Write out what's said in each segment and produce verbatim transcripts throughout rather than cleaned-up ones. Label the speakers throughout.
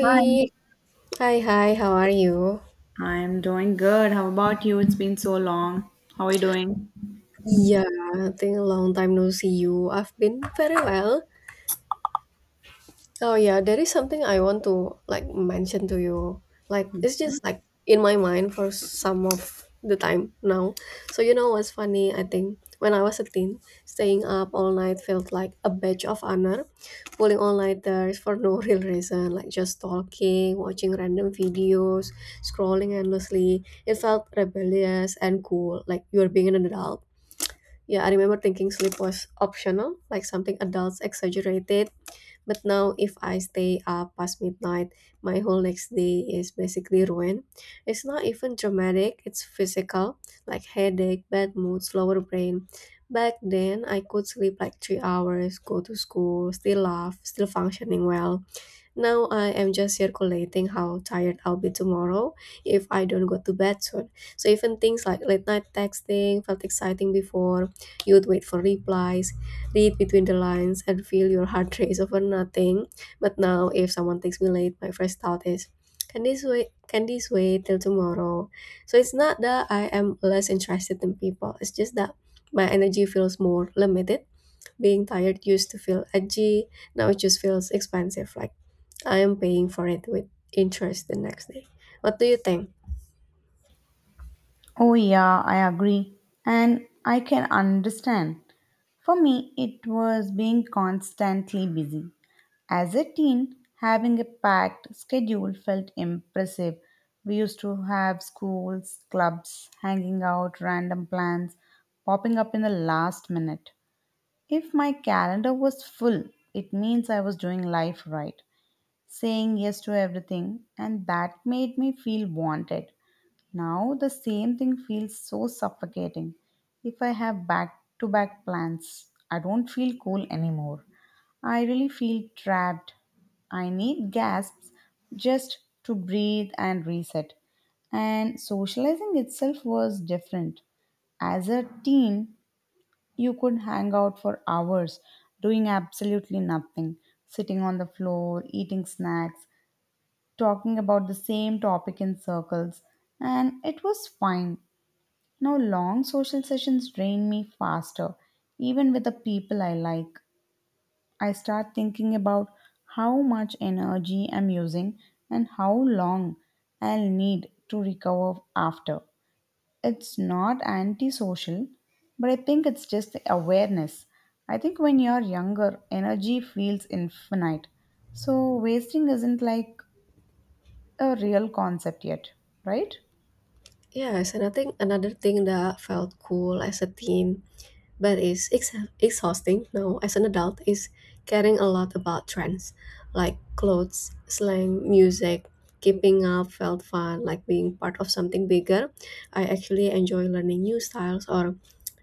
Speaker 1: Hi,
Speaker 2: hi, hi, how are you?
Speaker 1: I'm doing good. How about you? It's been so long. How are you doing?
Speaker 2: Yeah, I think long time no see you. I've been very well. Oh yeah, there is something I want to like mention to you. Like it's just like in my mind for some of the time now. So you know what's funny? I think when I was a teen, staying up all night felt like a badge of honor. Pulling all nighters for no real reason, like just talking, watching random videos, scrolling endlessly. It felt rebellious and cool, like you're being an adult. Yeah, I remember thinking sleep was optional, like something adults exaggerated. But now, if I stay up past midnight, my whole next day is basically ruined. It's not even dramatic, it's physical, like headache, bad mood, slower brain. Back then, I could sleep like three hours, go to school, still laugh, still functioning well. Now I am just circulating how tired I'll be tomorrow if I don't go to bed soon. So even things like late night texting felt exciting before. You'd wait for replies, read between the lines, and feel your heart race over nothing. But now if someone texts me late, my first thought is, can this wait? Can this wait till tomorrow? So it's not that I am less interested in people. It's just that my energy feels more limited. Being tired used to feel edgy, now it just feels expensive, like I am paying for it with interest the next day. What do you think?
Speaker 1: Oh, yeah, I agree. And I can understand. For me, it was being constantly busy. As a teen, having a packed schedule felt impressive. We used to have schools, clubs, hanging out, random plans popping up in the last minute. If my calendar was full, it means I was doing life right, saying yes to everything, and that made me feel wanted. Now the same thing feels so suffocating. If I have back to back plans, I don't feel cool anymore. I really feel trapped. I need gasps just to breathe and reset. And socializing itself was different. As a teen, you could hang out for hours doing absolutely nothing, sitting on the floor, eating snacks, talking about the same topic in circles, and it was fine. Now, long social sessions drain me faster, even with the people I like. I start thinking about how much energy I'm using and how long I'll need to recover after. It's not antisocial, but I think it's just the awareness. I think when you're younger, energy feels infinite. So, wasting isn't like a real concept yet, right?
Speaker 2: Yes, and I think another thing that felt cool as a teen but it's ex- exhausting now as an adult is caring a lot about trends, like clothes, slang, music. Keeping up felt fun, like being part of something bigger. I actually enjoy learning new styles or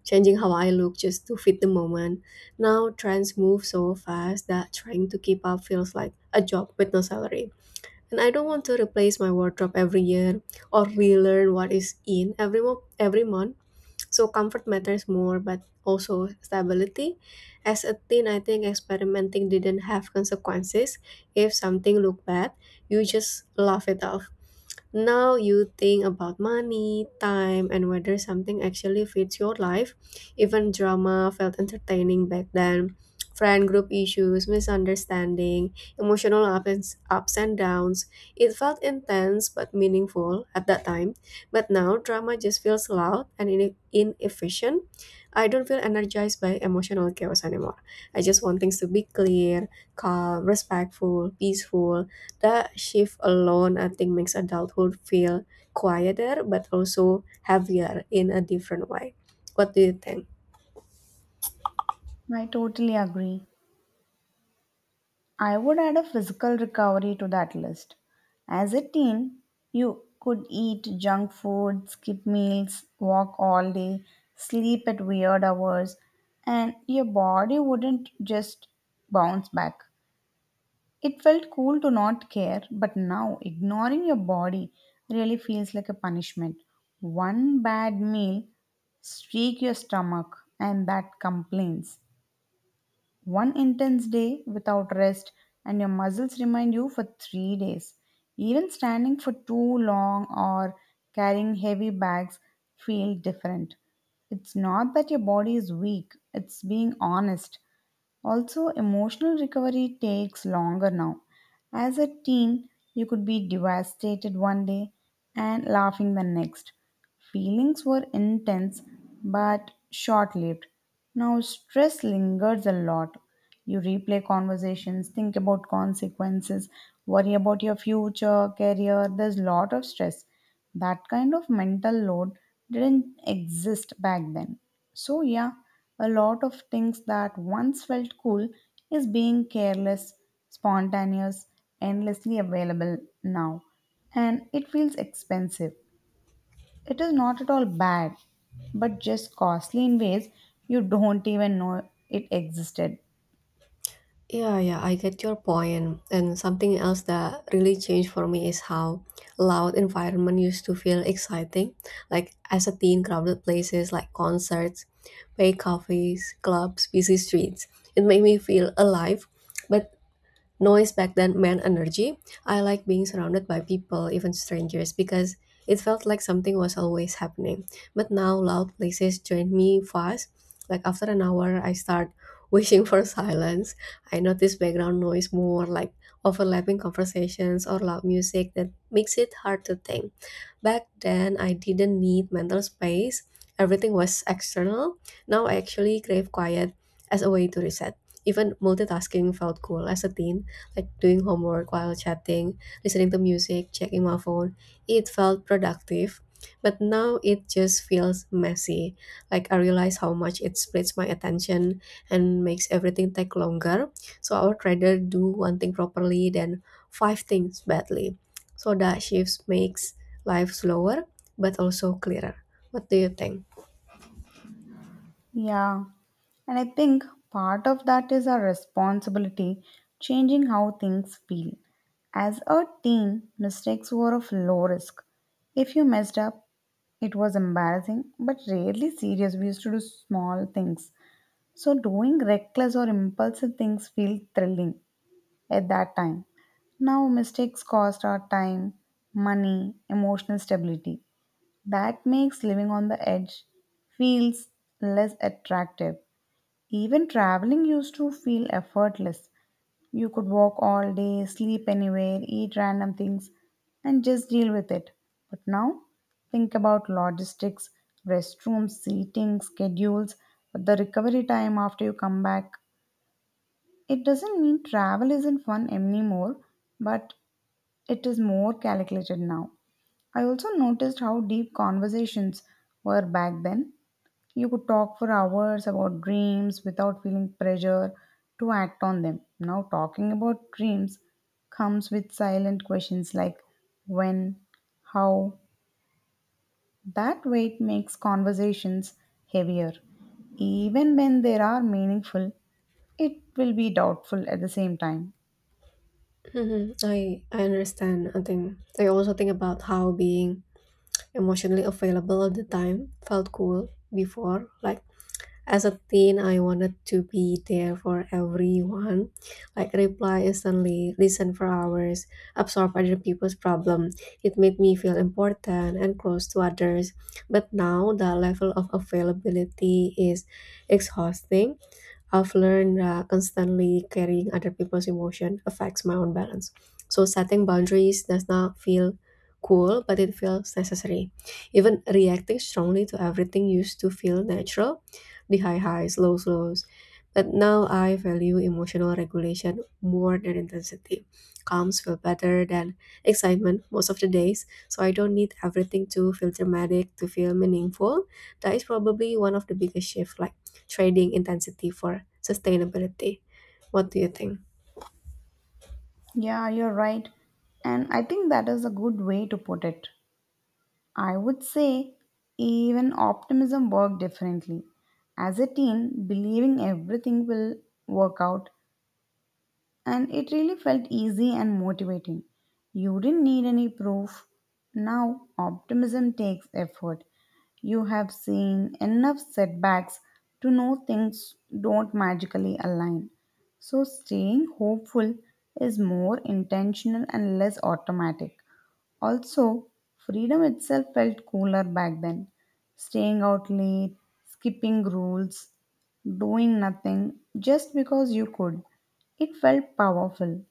Speaker 2: changing how I look just to fit the moment. Now trends move so fast that trying to keep up feels like a job with no salary, and I don't want to replace my wardrobe every year or relearn what is in every mo- every month. So comfort matters more, but also stability. As a teen, I think experimenting didn't have consequences. If something looked bad, you just laugh it off. Now you think about money, time, and whether something actually fits your life. Even drama felt entertaining back then. Friend group issues, misunderstanding, emotional ups, ups and downs. It felt intense but meaningful at that time. But now drama just feels loud and ine- inefficient. I don't feel energized by emotional chaos anymore. I just want things to be clear, calm, respectful, peaceful. That shift alone, I think, makes adulthood feel quieter but also heavier in a different way. What do you think?
Speaker 1: I totally agree. I would add a physical recovery to that list. As a teen, you could eat junk food, skip meals, walk all day, sleep at weird hours, and your body wouldn't just bounce back. It felt cool to not care, but now ignoring your body really feels like a punishment. One bad meal streak your stomach and that complains. One intense day without rest, and your muscles remind you for three days. Even standing for too long or carrying heavy bags feel different. It's not that your body is weak, it's being honest. Also, emotional recovery takes longer now. As a teen, you could be devastated one day and laughing the next. Feelings were intense but short lived. Now, stress lingers a lot. You replay conversations, think about consequences, worry about your future, career. There's a lot of stress. That kind of mental load didn't exist back then. So, yeah, a lot of things that once felt cool is being careless, spontaneous, endlessly available now. And it feels expensive. It is not at all bad, but just costly in ways you don't even know it existed.
Speaker 2: Yeah, yeah, I get your point. And something else that really changed for me is how loud environment used to feel exciting. Like as a teen, crowded places like concerts, pay cafes, clubs, busy streets. It made me feel alive. But noise back then meant energy. I like being surrounded by people, even strangers, because it felt like something was always happening. But now loud places drain me fast. Like after an hour, I start wishing for silence. I notice background noise more, like overlapping conversations or loud music that makes it hard to think. Back then, I didn't need mental space. Everything was external. Now I actually crave quiet as a way to reset. Even multitasking felt cool as a teen, like doing homework while chatting, listening to music, checking my phone. It felt productive, but now it just feels messy. Like I realize how much it splits my attention and makes everything take longer. So I would rather do one thing properly than five things badly. So that shifts makes life slower but also clearer. What do you think?
Speaker 1: Yeah, and I think part of that is our responsibility changing how things feel. As a teen, mistakes were of low risk. If you messed up, it was embarrassing but rarely serious. We used to do small things. So, doing reckless or impulsive things feel thrilling at that time. Now, mistakes cost our time, money, emotional stability. That makes living on the edge feels less attractive. Even traveling used to feel effortless. You could walk all day, sleep anywhere, eat random things, and just deal with it. But now, think about logistics, restrooms, seating, schedules, the recovery time after you come back. It doesn't mean travel isn't fun anymore, but it is more calculated now. I also noticed how deep conversations were back then. You could talk for hours about dreams without feeling pressure to act on them. Now, talking about dreams comes with silent questions like when, how. That weight makes conversations heavier. Even when they are meaningful, it will be doubtful at the same time.
Speaker 2: hmm I I understand. I think I also think about how being emotionally available all the time, felt cool before. Like as a teen, I wanted to be there for everyone, like reply instantly, listen for hours, absorb other people's problem. It made me feel important and close to others. But now the level of availability is exhausting. I've learned uh, constantly carrying other people's emotion affects my own balance. So setting boundaries does not feel cool, but it feels necessary. Even reacting strongly to everything used to feel natural, the high highs, lows lows. But now I value emotional regulation more than intensity. Calms feel better than excitement most of the days, so I don't need everything to feel dramatic to feel meaningful. That is probably one of the biggest shifts, trading intensity for sustainability. What do you think?
Speaker 1: Yeah, you're right. And I think that is a good way to put it. I would say even optimism worked differently. As a teen, believing everything will work out and it really felt easy and motivating. You didn't need any proof. Now, optimism takes effort. You have seen enough setbacks to know things don't magically align. So, staying hopeful is more intentional and less automatic. Also, freedom itself felt cooler back then. Staying out late, skipping rules, doing nothing just because you could. It felt powerful.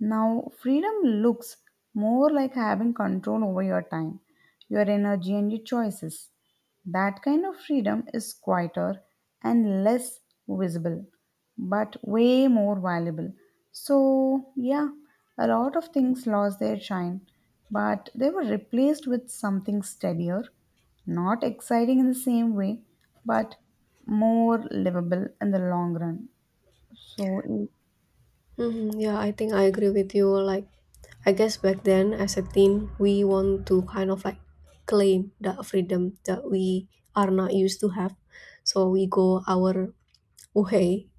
Speaker 1: Now, freedom looks more like having control over your time, your energy, and your choices. That kind of freedom is quieter and less visible, but way more valuable. So, yeah, a lot of things lost their shine, but they were replaced with something steadier, not exciting in the same way, but more livable in the long run. So,
Speaker 2: Hmm, yeah, I think I agree with you. Like, I guess back then as a teen, we want to kind of like claim the freedom that we are not used to have. So we go our way,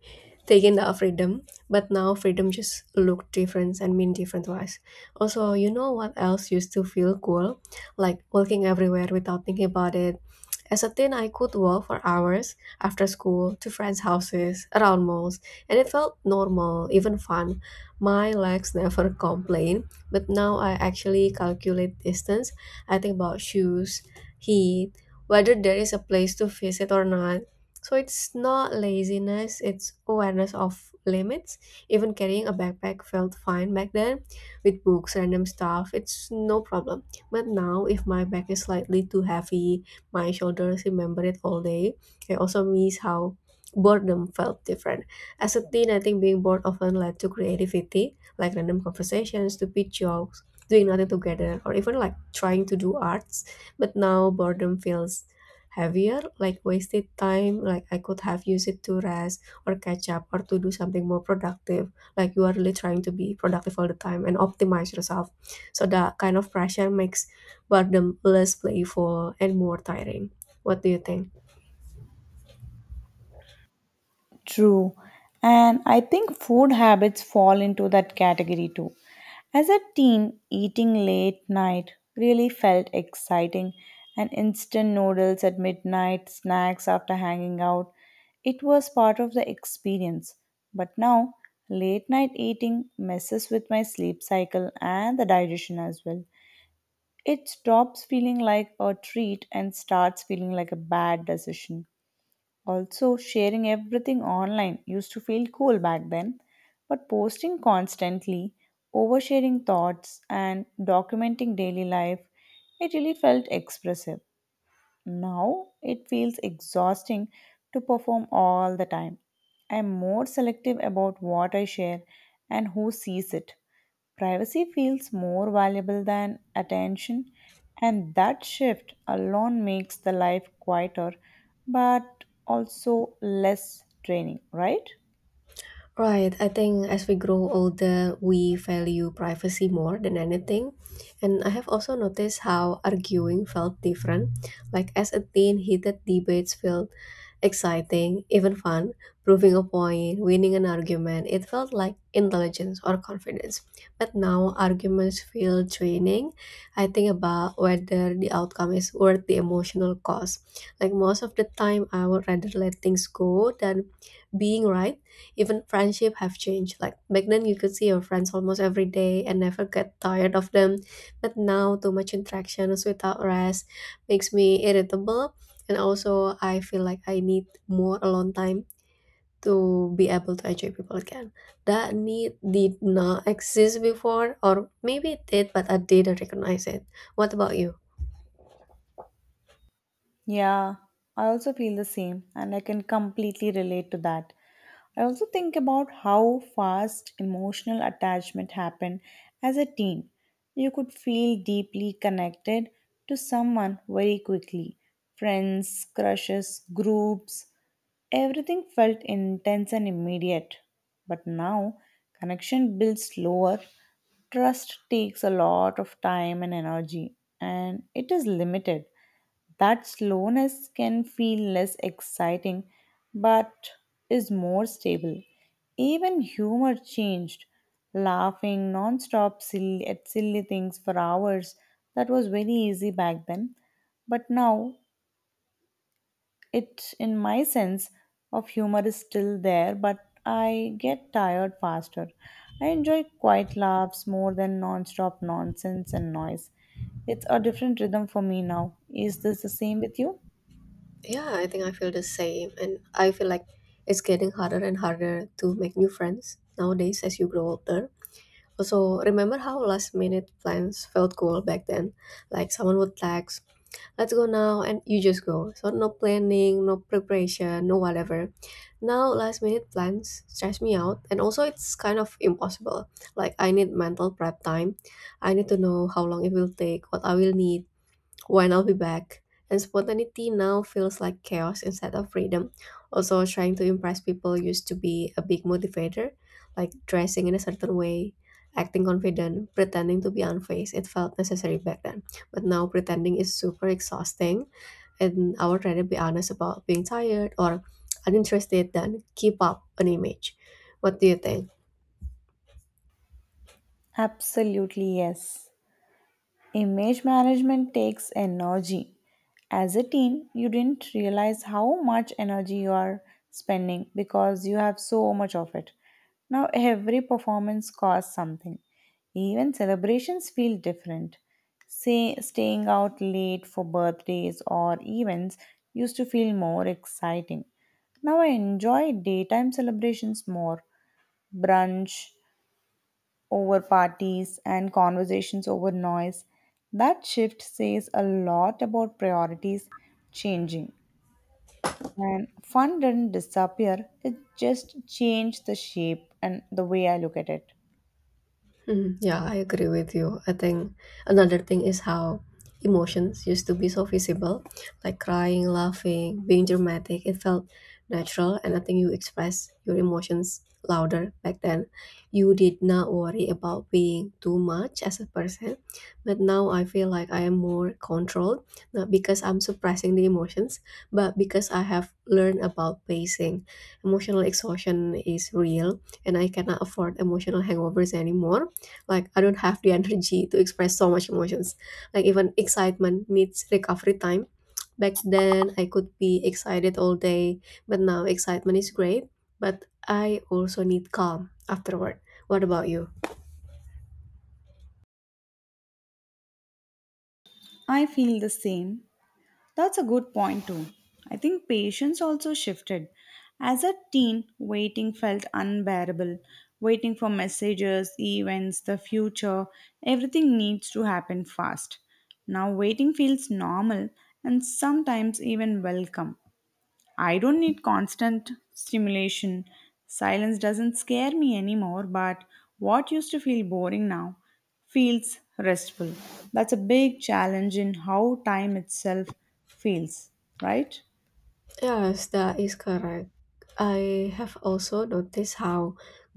Speaker 2: taking the freedom. But now freedom just look different and mean different to us. Also, you know what else used to feel cool, like walking everywhere without thinking about it? As a teen, I could walk for hours after school, to friends houses, around malls, and it felt normal, even fun. My legs never complain. But now I actually calculate distance. I think about shoes, heat, whether there is a place to visit or not. So it's not laziness, it's awareness of limits. Even carrying a backpack felt fine back then, with books, random stuff, it's no problem. But now, if my back is slightly too heavy, my shoulders remember it all day. I also miss how boredom felt different. As a teen, I think being bored often led to creativity, like random conversations, stupid jokes, doing nothing together, or even like trying to do arts. But now, boredom feels heavier, like wasted time, like I could have used it to rest or catch up or to do something more productive. Like you are really trying to be productive all the time and optimize yourself. So that kind of pressure makes boredom less playful and more tiring. What do you think?
Speaker 1: true. And I think food habits fall into that category too. As a teen, eating late night really felt exciting, and instant noodles at midnight, snacks after hanging out, it was part of the experience. But now, late night eating messes with my sleep cycle and the digestion as well. It stops feeling like a treat and starts feeling like a bad decision. Also, sharing everything online used to feel cool back then, but posting constantly, oversharing thoughts, and documenting daily life, it really felt expressive. Now it feels exhausting to perform all the time. I am more selective about what I share and who sees it. Privacy feels more valuable than attention, and that shift alone makes the life quieter but also less draining, right?
Speaker 2: Right. I think as we grow older, we value privacy more than anything. And I have also noticed how arguing felt different. Like as a teen, heated debates felt exciting, even fun. Proving a point, winning an argument, it felt like intelligence or confidence. But now arguments feel draining. I think about whether the outcome is worth the emotional cost. Like most of the time, I would rather let things go than being right. Even friendship have changed. Like back then you could see your friends almost every day and never get tired of them. But now too much interactions without rest makes me irritable, and also I feel like I need more alone time to be able to enjoy people again. That need did not exist before, or maybe it did but I didn't recognize it. What about you?
Speaker 1: Yeah, I also feel the same, and I can completely relate to that. I also think about how fast emotional attachment happened as a teen. You could feel deeply connected to someone very quickly. Friends, crushes, groups, everything felt intense and immediate, but now connection builds slower. Trust takes a lot of time and energy, and it is limited. That slowness can feel less exciting, but is more stable. Even humor changed. Laughing non-stop silly, at silly things for hours, that was very easy back then. But now it, in my sense, of humor is still there, but I get tired faster. I enjoy quiet laughs more than non-stop nonsense and noise. It's a different rhythm for me now. Is this the same with you?
Speaker 2: Yeah, I think I feel the same, and I feel like it's getting harder and harder to make new friends nowadays as you grow older. Also, remember how last minute plans felt cool back then? Like someone would text, let's go now, and you just go. So, no planning, no preparation, no whatever. Now, last minute plans stress me out, and also it's kind of impossible. Like, I need mental prep time. I need to know how long it will take, what I will need, when I'll be back. And spontaneity now feels like chaos instead of freedom. Also, trying to impress people used to be a big motivator, like dressing in a certain way, acting confident, pretending to be unfazed. It felt necessary back then. But now, pretending is super exhausting, and I would rather be honest about being tired or uninterested than keep up an image. What do you think?
Speaker 1: Absolutely, yes. Image management takes energy. As a teen, you didn't realize how much energy you are spending because you have so much of it. Now, every performance costs something. Even celebrations feel different. Say, staying out late for birthdays or events used to feel more exciting. Now, I enjoy daytime celebrations more, brunch, over parties and conversations over noise. That shift says a lot about priorities changing. And fun didn't disappear, it just changed the shape and the way I look at it.
Speaker 2: Mhm. Yeah, I agree with you. I think another thing is how emotions used to be so visible, like crying, laughing, being dramatic. It felt natural, and I think you express your emotions louder back then. You did not worry about being too much as a person, but now I feel like I am more controlled, not because I'm suppressing the emotions, but because I have learned about pacing. Emotional exhaustion is real, and I cannot afford emotional hangovers anymore. Like I don't have the energy to express so much emotions. Like even excitement needs recovery time. Back then I could be excited all day, but now excitement is great, but I also need calm afterward. What about you?
Speaker 1: I feel the same. That's a good point, too. I think patience also shifted. As a teen, waiting felt unbearable. Waiting for messages, events, the future, everything needs to happen fast. Now, waiting feels normal and sometimes even welcome. I don't need constant stimulation. Silence doesn't scare me anymore, but what used to feel boring now feels restful. That's a big challenge in how time itself feels, right?
Speaker 2: Yes, that is correct. I have also noticed how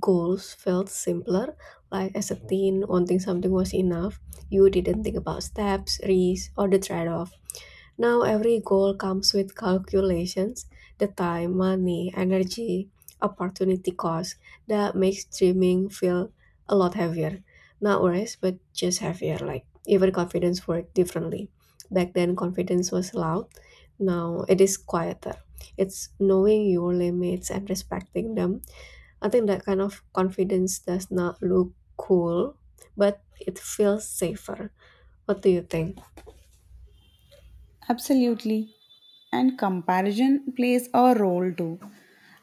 Speaker 2: goals felt simpler. Like as a teen, wanting something was enough. You didn't think about steps, risks, or the trade-off. Now every goal comes with calculations, the time, money, energy, opportunity cost. That makes dreaming feel a lot heavier. Not worse, but just heavier. Like even confidence worked differently. Back then confidence was loud. Now it is quieter. It's knowing your limits and respecting them. I think that kind of confidence does not look cool, but it feels safer. What do you think?
Speaker 1: Absolutely. And comparison plays a role too.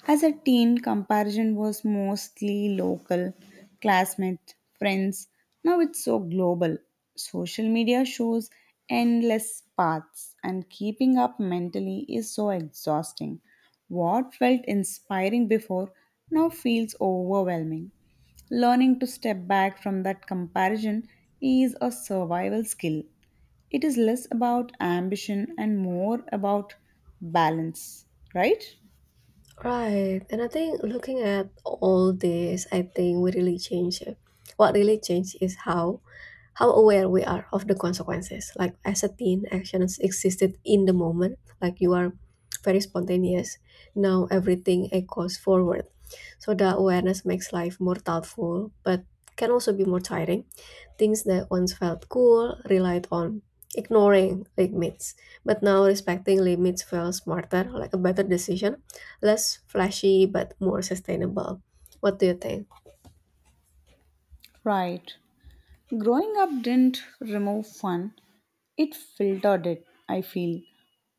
Speaker 1: As a teen, comparison was mostly local, classmates, friends. Now it's so global. Social media shows endless paths, and keeping up mentally is so exhausting. What felt inspiring before now feels overwhelming. Learning to step back from that comparison is a survival skill. It is less about ambition and more about balance, right?
Speaker 2: Right. And I think looking at all this, I think we really change it. What really changed is how how aware we are of the consequences. Like as a teen, actions existed in the moment. Like you are very spontaneous. Now everything echoes forward. So the awareness makes life more thoughtful, but can also be more tiring. Things that once felt cool relied on ignoring limits, but now respecting limits feels smarter, like a better decision, less flashy but more sustainable. What do you think?
Speaker 1: Right. Growing up didn't remove fun, it filtered it, I feel.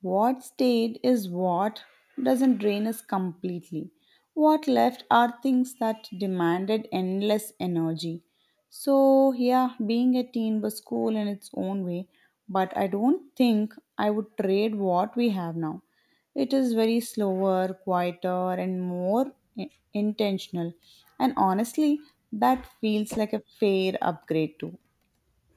Speaker 1: What stayed is what doesn't drain us completely. What left are things that demanded endless energy. So, yeah, being a teen was cool in its own way, but I don't think I would trade what we have now. It is very slower, quieter, and more i- intentional. And honestly, that feels like a fair upgrade too.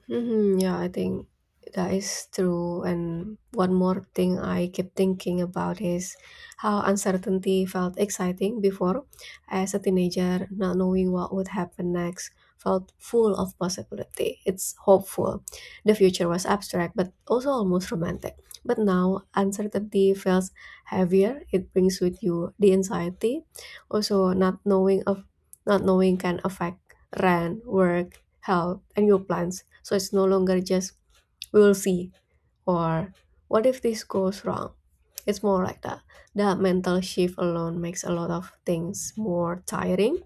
Speaker 2: hmm Yeah, I think that is true. And one more thing I keep thinking about is how uncertainty felt exciting before. As a teenager, not knowing what would happen next felt full of possibility. It's hopeful. The future was abstract, but also almost romantic. But now, uncertainty feels heavier. It brings with you the anxiety. Also, not knowing of not knowing can affect rent, work, health and your plans. So it's no longer just we will see or what if this goes wrong. It's more like that. That mental shift alone makes a lot of things more tiring,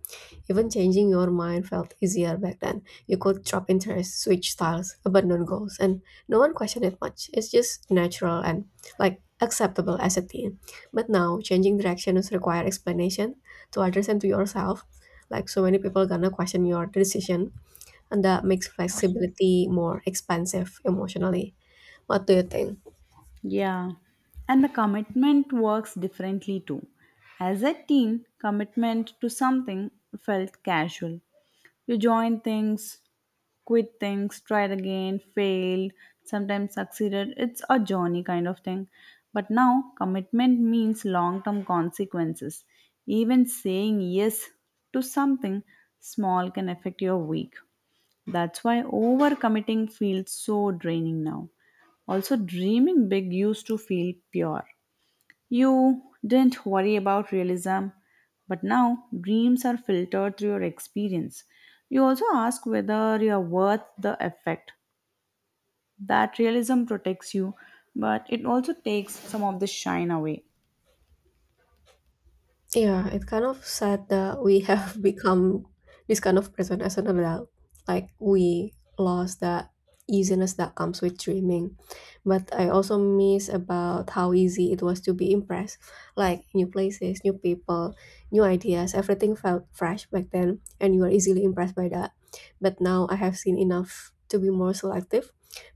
Speaker 2: even changing your mind felt easier back then. You could drop interests, switch styles, abandon goals, and no one questioned it much. It's just natural and like acceptable as a teen. But now, changing directions require explanation to others and to yourself. Like so many people gonna question your decision, and that makes flexibility more expensive emotionally. What do you think?
Speaker 1: Yeah, and the commitment works differently too. As a teen, commitment to something felt casual. You joined things, quit things, tried again, failed, sometimes succeeded. It's a journey kind of thing. But now, commitment means long term consequences. Even saying yes to something small can affect your week. That's why overcommitting feels so draining now. Also, dreaming big used to feel pure. You didn't worry about realism, but now dreams are filtered through your experience. You also ask whether you are worth the effect. That realism protects you, but it also takes some of the shine away.
Speaker 2: Yeah, it's kind of sad that we have become this kind of person as an adult. Like we lost that easiness that comes with dreaming. But I also miss about how easy it was to be impressed. Like new places, new people, new ideas, everything felt fresh back then and you were easily impressed by that. But now I have seen enough to be more selective.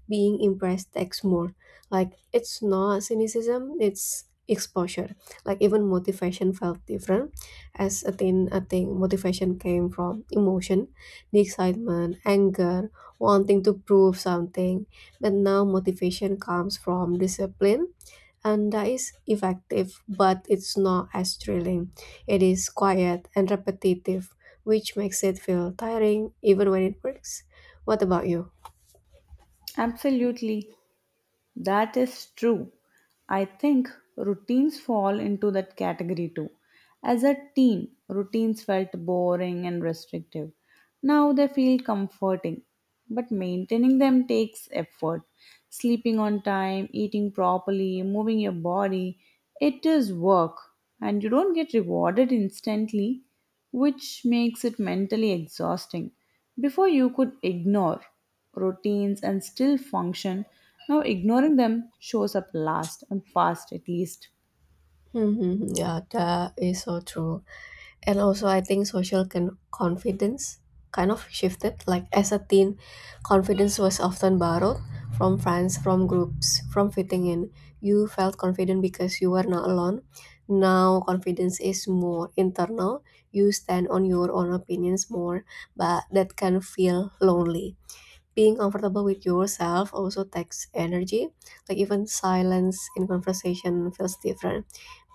Speaker 2: Being impressed takes more. Like it's not cynicism, it's exposure. Like even motivation felt different. As a teen, I think motivation came from emotion, the excitement, anger, wanting to prove something. But now motivation comes from discipline, and that is effective but it's not as thrilling. It is quiet and repetitive, which makes it feel tiring even when it works. What about you?
Speaker 1: Absolutely, that is true. I think routines fall into that category too. As a teen, routines felt boring and restrictive. Now they feel comforting, but maintaining them takes effort. Sleeping on time, eating properly, moving your body, it is work and you don't get rewarded instantly, which makes it mentally exhausting. Before you could ignore routines and still function, now ignoring them shows up last and fast at least.
Speaker 2: Hmm yeah, that is so true. And also I think social con- confidence kind of shifted. Like as a teen, confidence was often borrowed from friends, from groups, from fitting in. You felt confident because you were not alone. Now confidence is more internal. You stand on your own opinions more, but that can feel lonely. Being comfortable with yourself also takes energy. Like even silence in conversation feels different.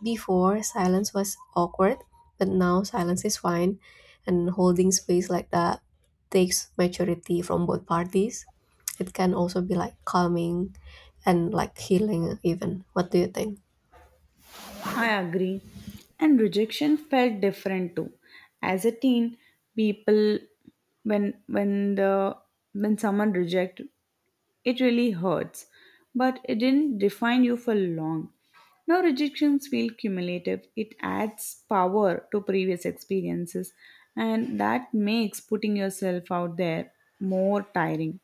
Speaker 2: Before silence was awkward, but now silence is fine, and holding space like that takes maturity from both parties. It can also be like calming and like healing even. What do you think?
Speaker 1: I agree. And rejection felt different too. As a teen, people when when the when someone reject it really hurts. But it didn't define you for long. Now rejections feel cumulative. It adds power to previous experiences and that makes putting yourself out there more tiring.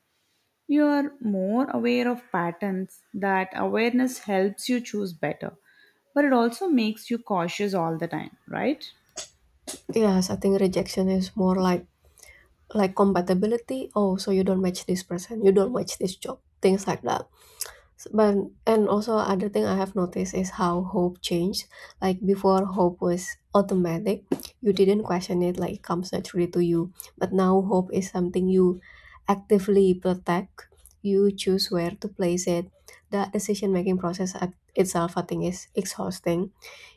Speaker 1: You are more aware of patterns. That awareness helps you choose better, but it also makes you cautious all the time, right?
Speaker 2: Yes, I think rejection is more like like compatibility. Oh, so you don't match this person, you don't match this job, things like that. S- But and also other thing I have noticed is how hope changed. Like before, hope was automatic. You didn't question it, like it comes naturally to you. But now hope is something you actively protect. You choose where to place it. The decision making process at itself, I think, is exhausting.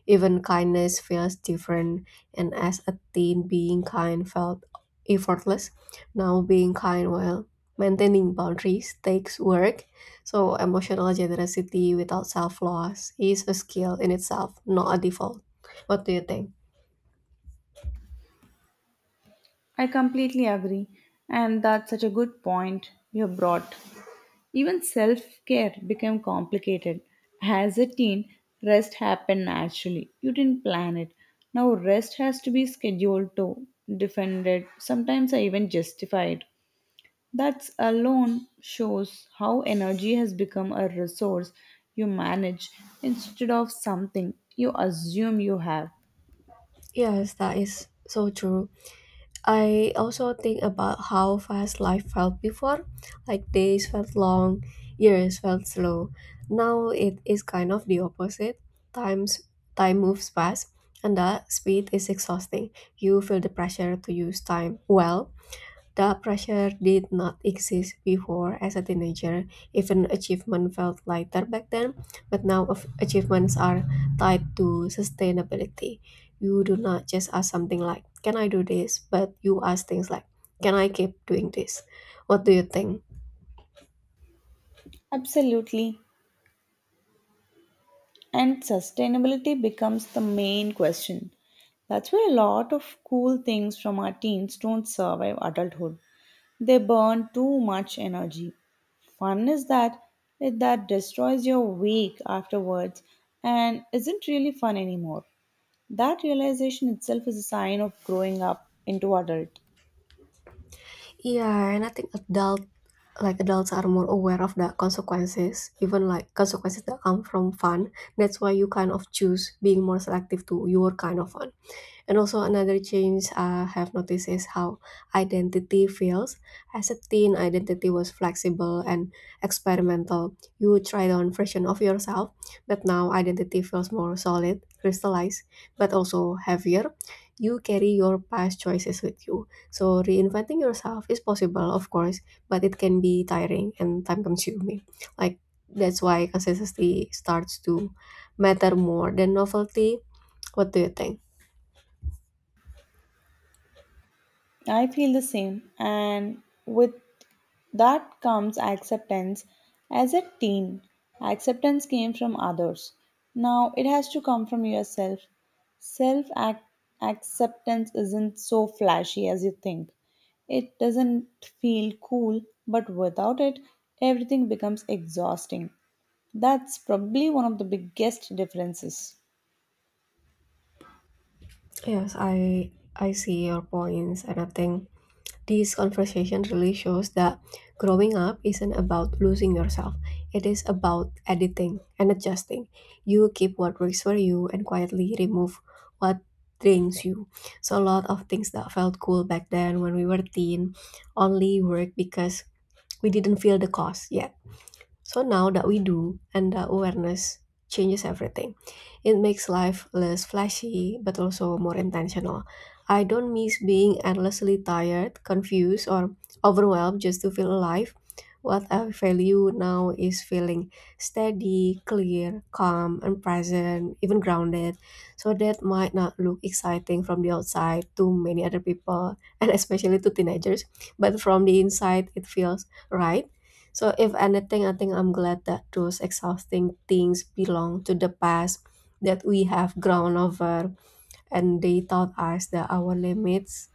Speaker 2: Even kindness feels different, and as a teen, being kind felt effortless. Now, being kind while maintaining boundaries takes work. So, emotional generosity without self loss is a skill in itself, not a default. What do you think?
Speaker 1: I completely agree. And that's such a good point you have brought. Even self care became complicated. As a teen, rest happened naturally. You didn't plan it. Now, rest has to be scheduled to, defended, sometimes I even justified. That alone shows how energy has become a resource you manage instead of something you assume you have.
Speaker 2: Yes, that is so true. I also think about how fast life felt before. Like days felt long, years felt slow. Now it is kind of the opposite. Times Time moves fast and that speed is exhausting. You feel the pressure to use time well. The pressure did not exist before as a teenager. Even achievement felt lighter back then, but now of- achievements are tied to sustainability. You do not just ask something like, can I do this? But you ask things like, can I keep doing this? What do you think?
Speaker 1: Absolutely. And sustainability becomes the main question. That's where a lot of cool things from our teens don't survive adulthood. They burn too much energy. Fun is that that destroys your week afterwards and isn't really fun anymore. That realization itself is a sign of growing up into adult.
Speaker 2: Yeah, and I think adult like adults are more aware of the consequences, even like consequences that come from fun. That's why you kind of choose being more selective to your kind of fun. And also another change uh, I have noticed is how identity feels. As a teen, identity was flexible and experimental. You would try on version of yourself, but now identity feels more solid, crystallized, but also heavier. You carry your past choices with you. So reinventing yourself is possible, of course, but it can be tiring and time consuming. Like that's why consistency starts to matter more than novelty. What do you think?
Speaker 1: I feel the same, and with that comes acceptance. As a teen, acceptance came from others. Now it has to come from yourself. Self ac- acceptance isn't so flashy as you think. It doesn't feel cool, but without it, everything becomes exhausting. That's probably one of the biggest differences.
Speaker 2: Yes, I I see your points, and I think this conversation really shows that growing up isn't about losing yourself. It is about editing and adjusting. You keep what works for you and quietly remove what drains you. So a lot of things that felt cool back then when we were teen only work because we didn't feel the cost yet. So now that we do, and that awareness changes everything. It makes life less flashy, but also more intentional. I don't miss being endlessly tired, confused, or overwhelmed just to feel alive. What I value now is feeling steady, clear, calm, and present, even grounded. So that might not look exciting from the outside to many other people, and especially to teenagers, but from the inside, it feels right. So, if anything, I think I'm glad that those exhausting things belong to the past, that we have grown over, and they taught us that our limits,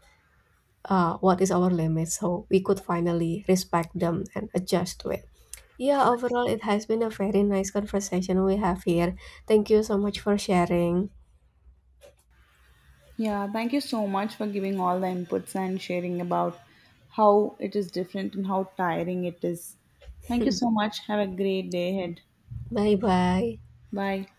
Speaker 2: uh, what is our limit, so we could finally respect them and adjust to it. Yeah, overall, it has been a very nice conversation we have here. Thank you so much for sharing.
Speaker 1: Yeah, thank you so much for giving all the inputs and sharing about how it is different and how tiring it is. Thank you so much. Have a great day ahead.
Speaker 2: Bye bye.
Speaker 1: Bye.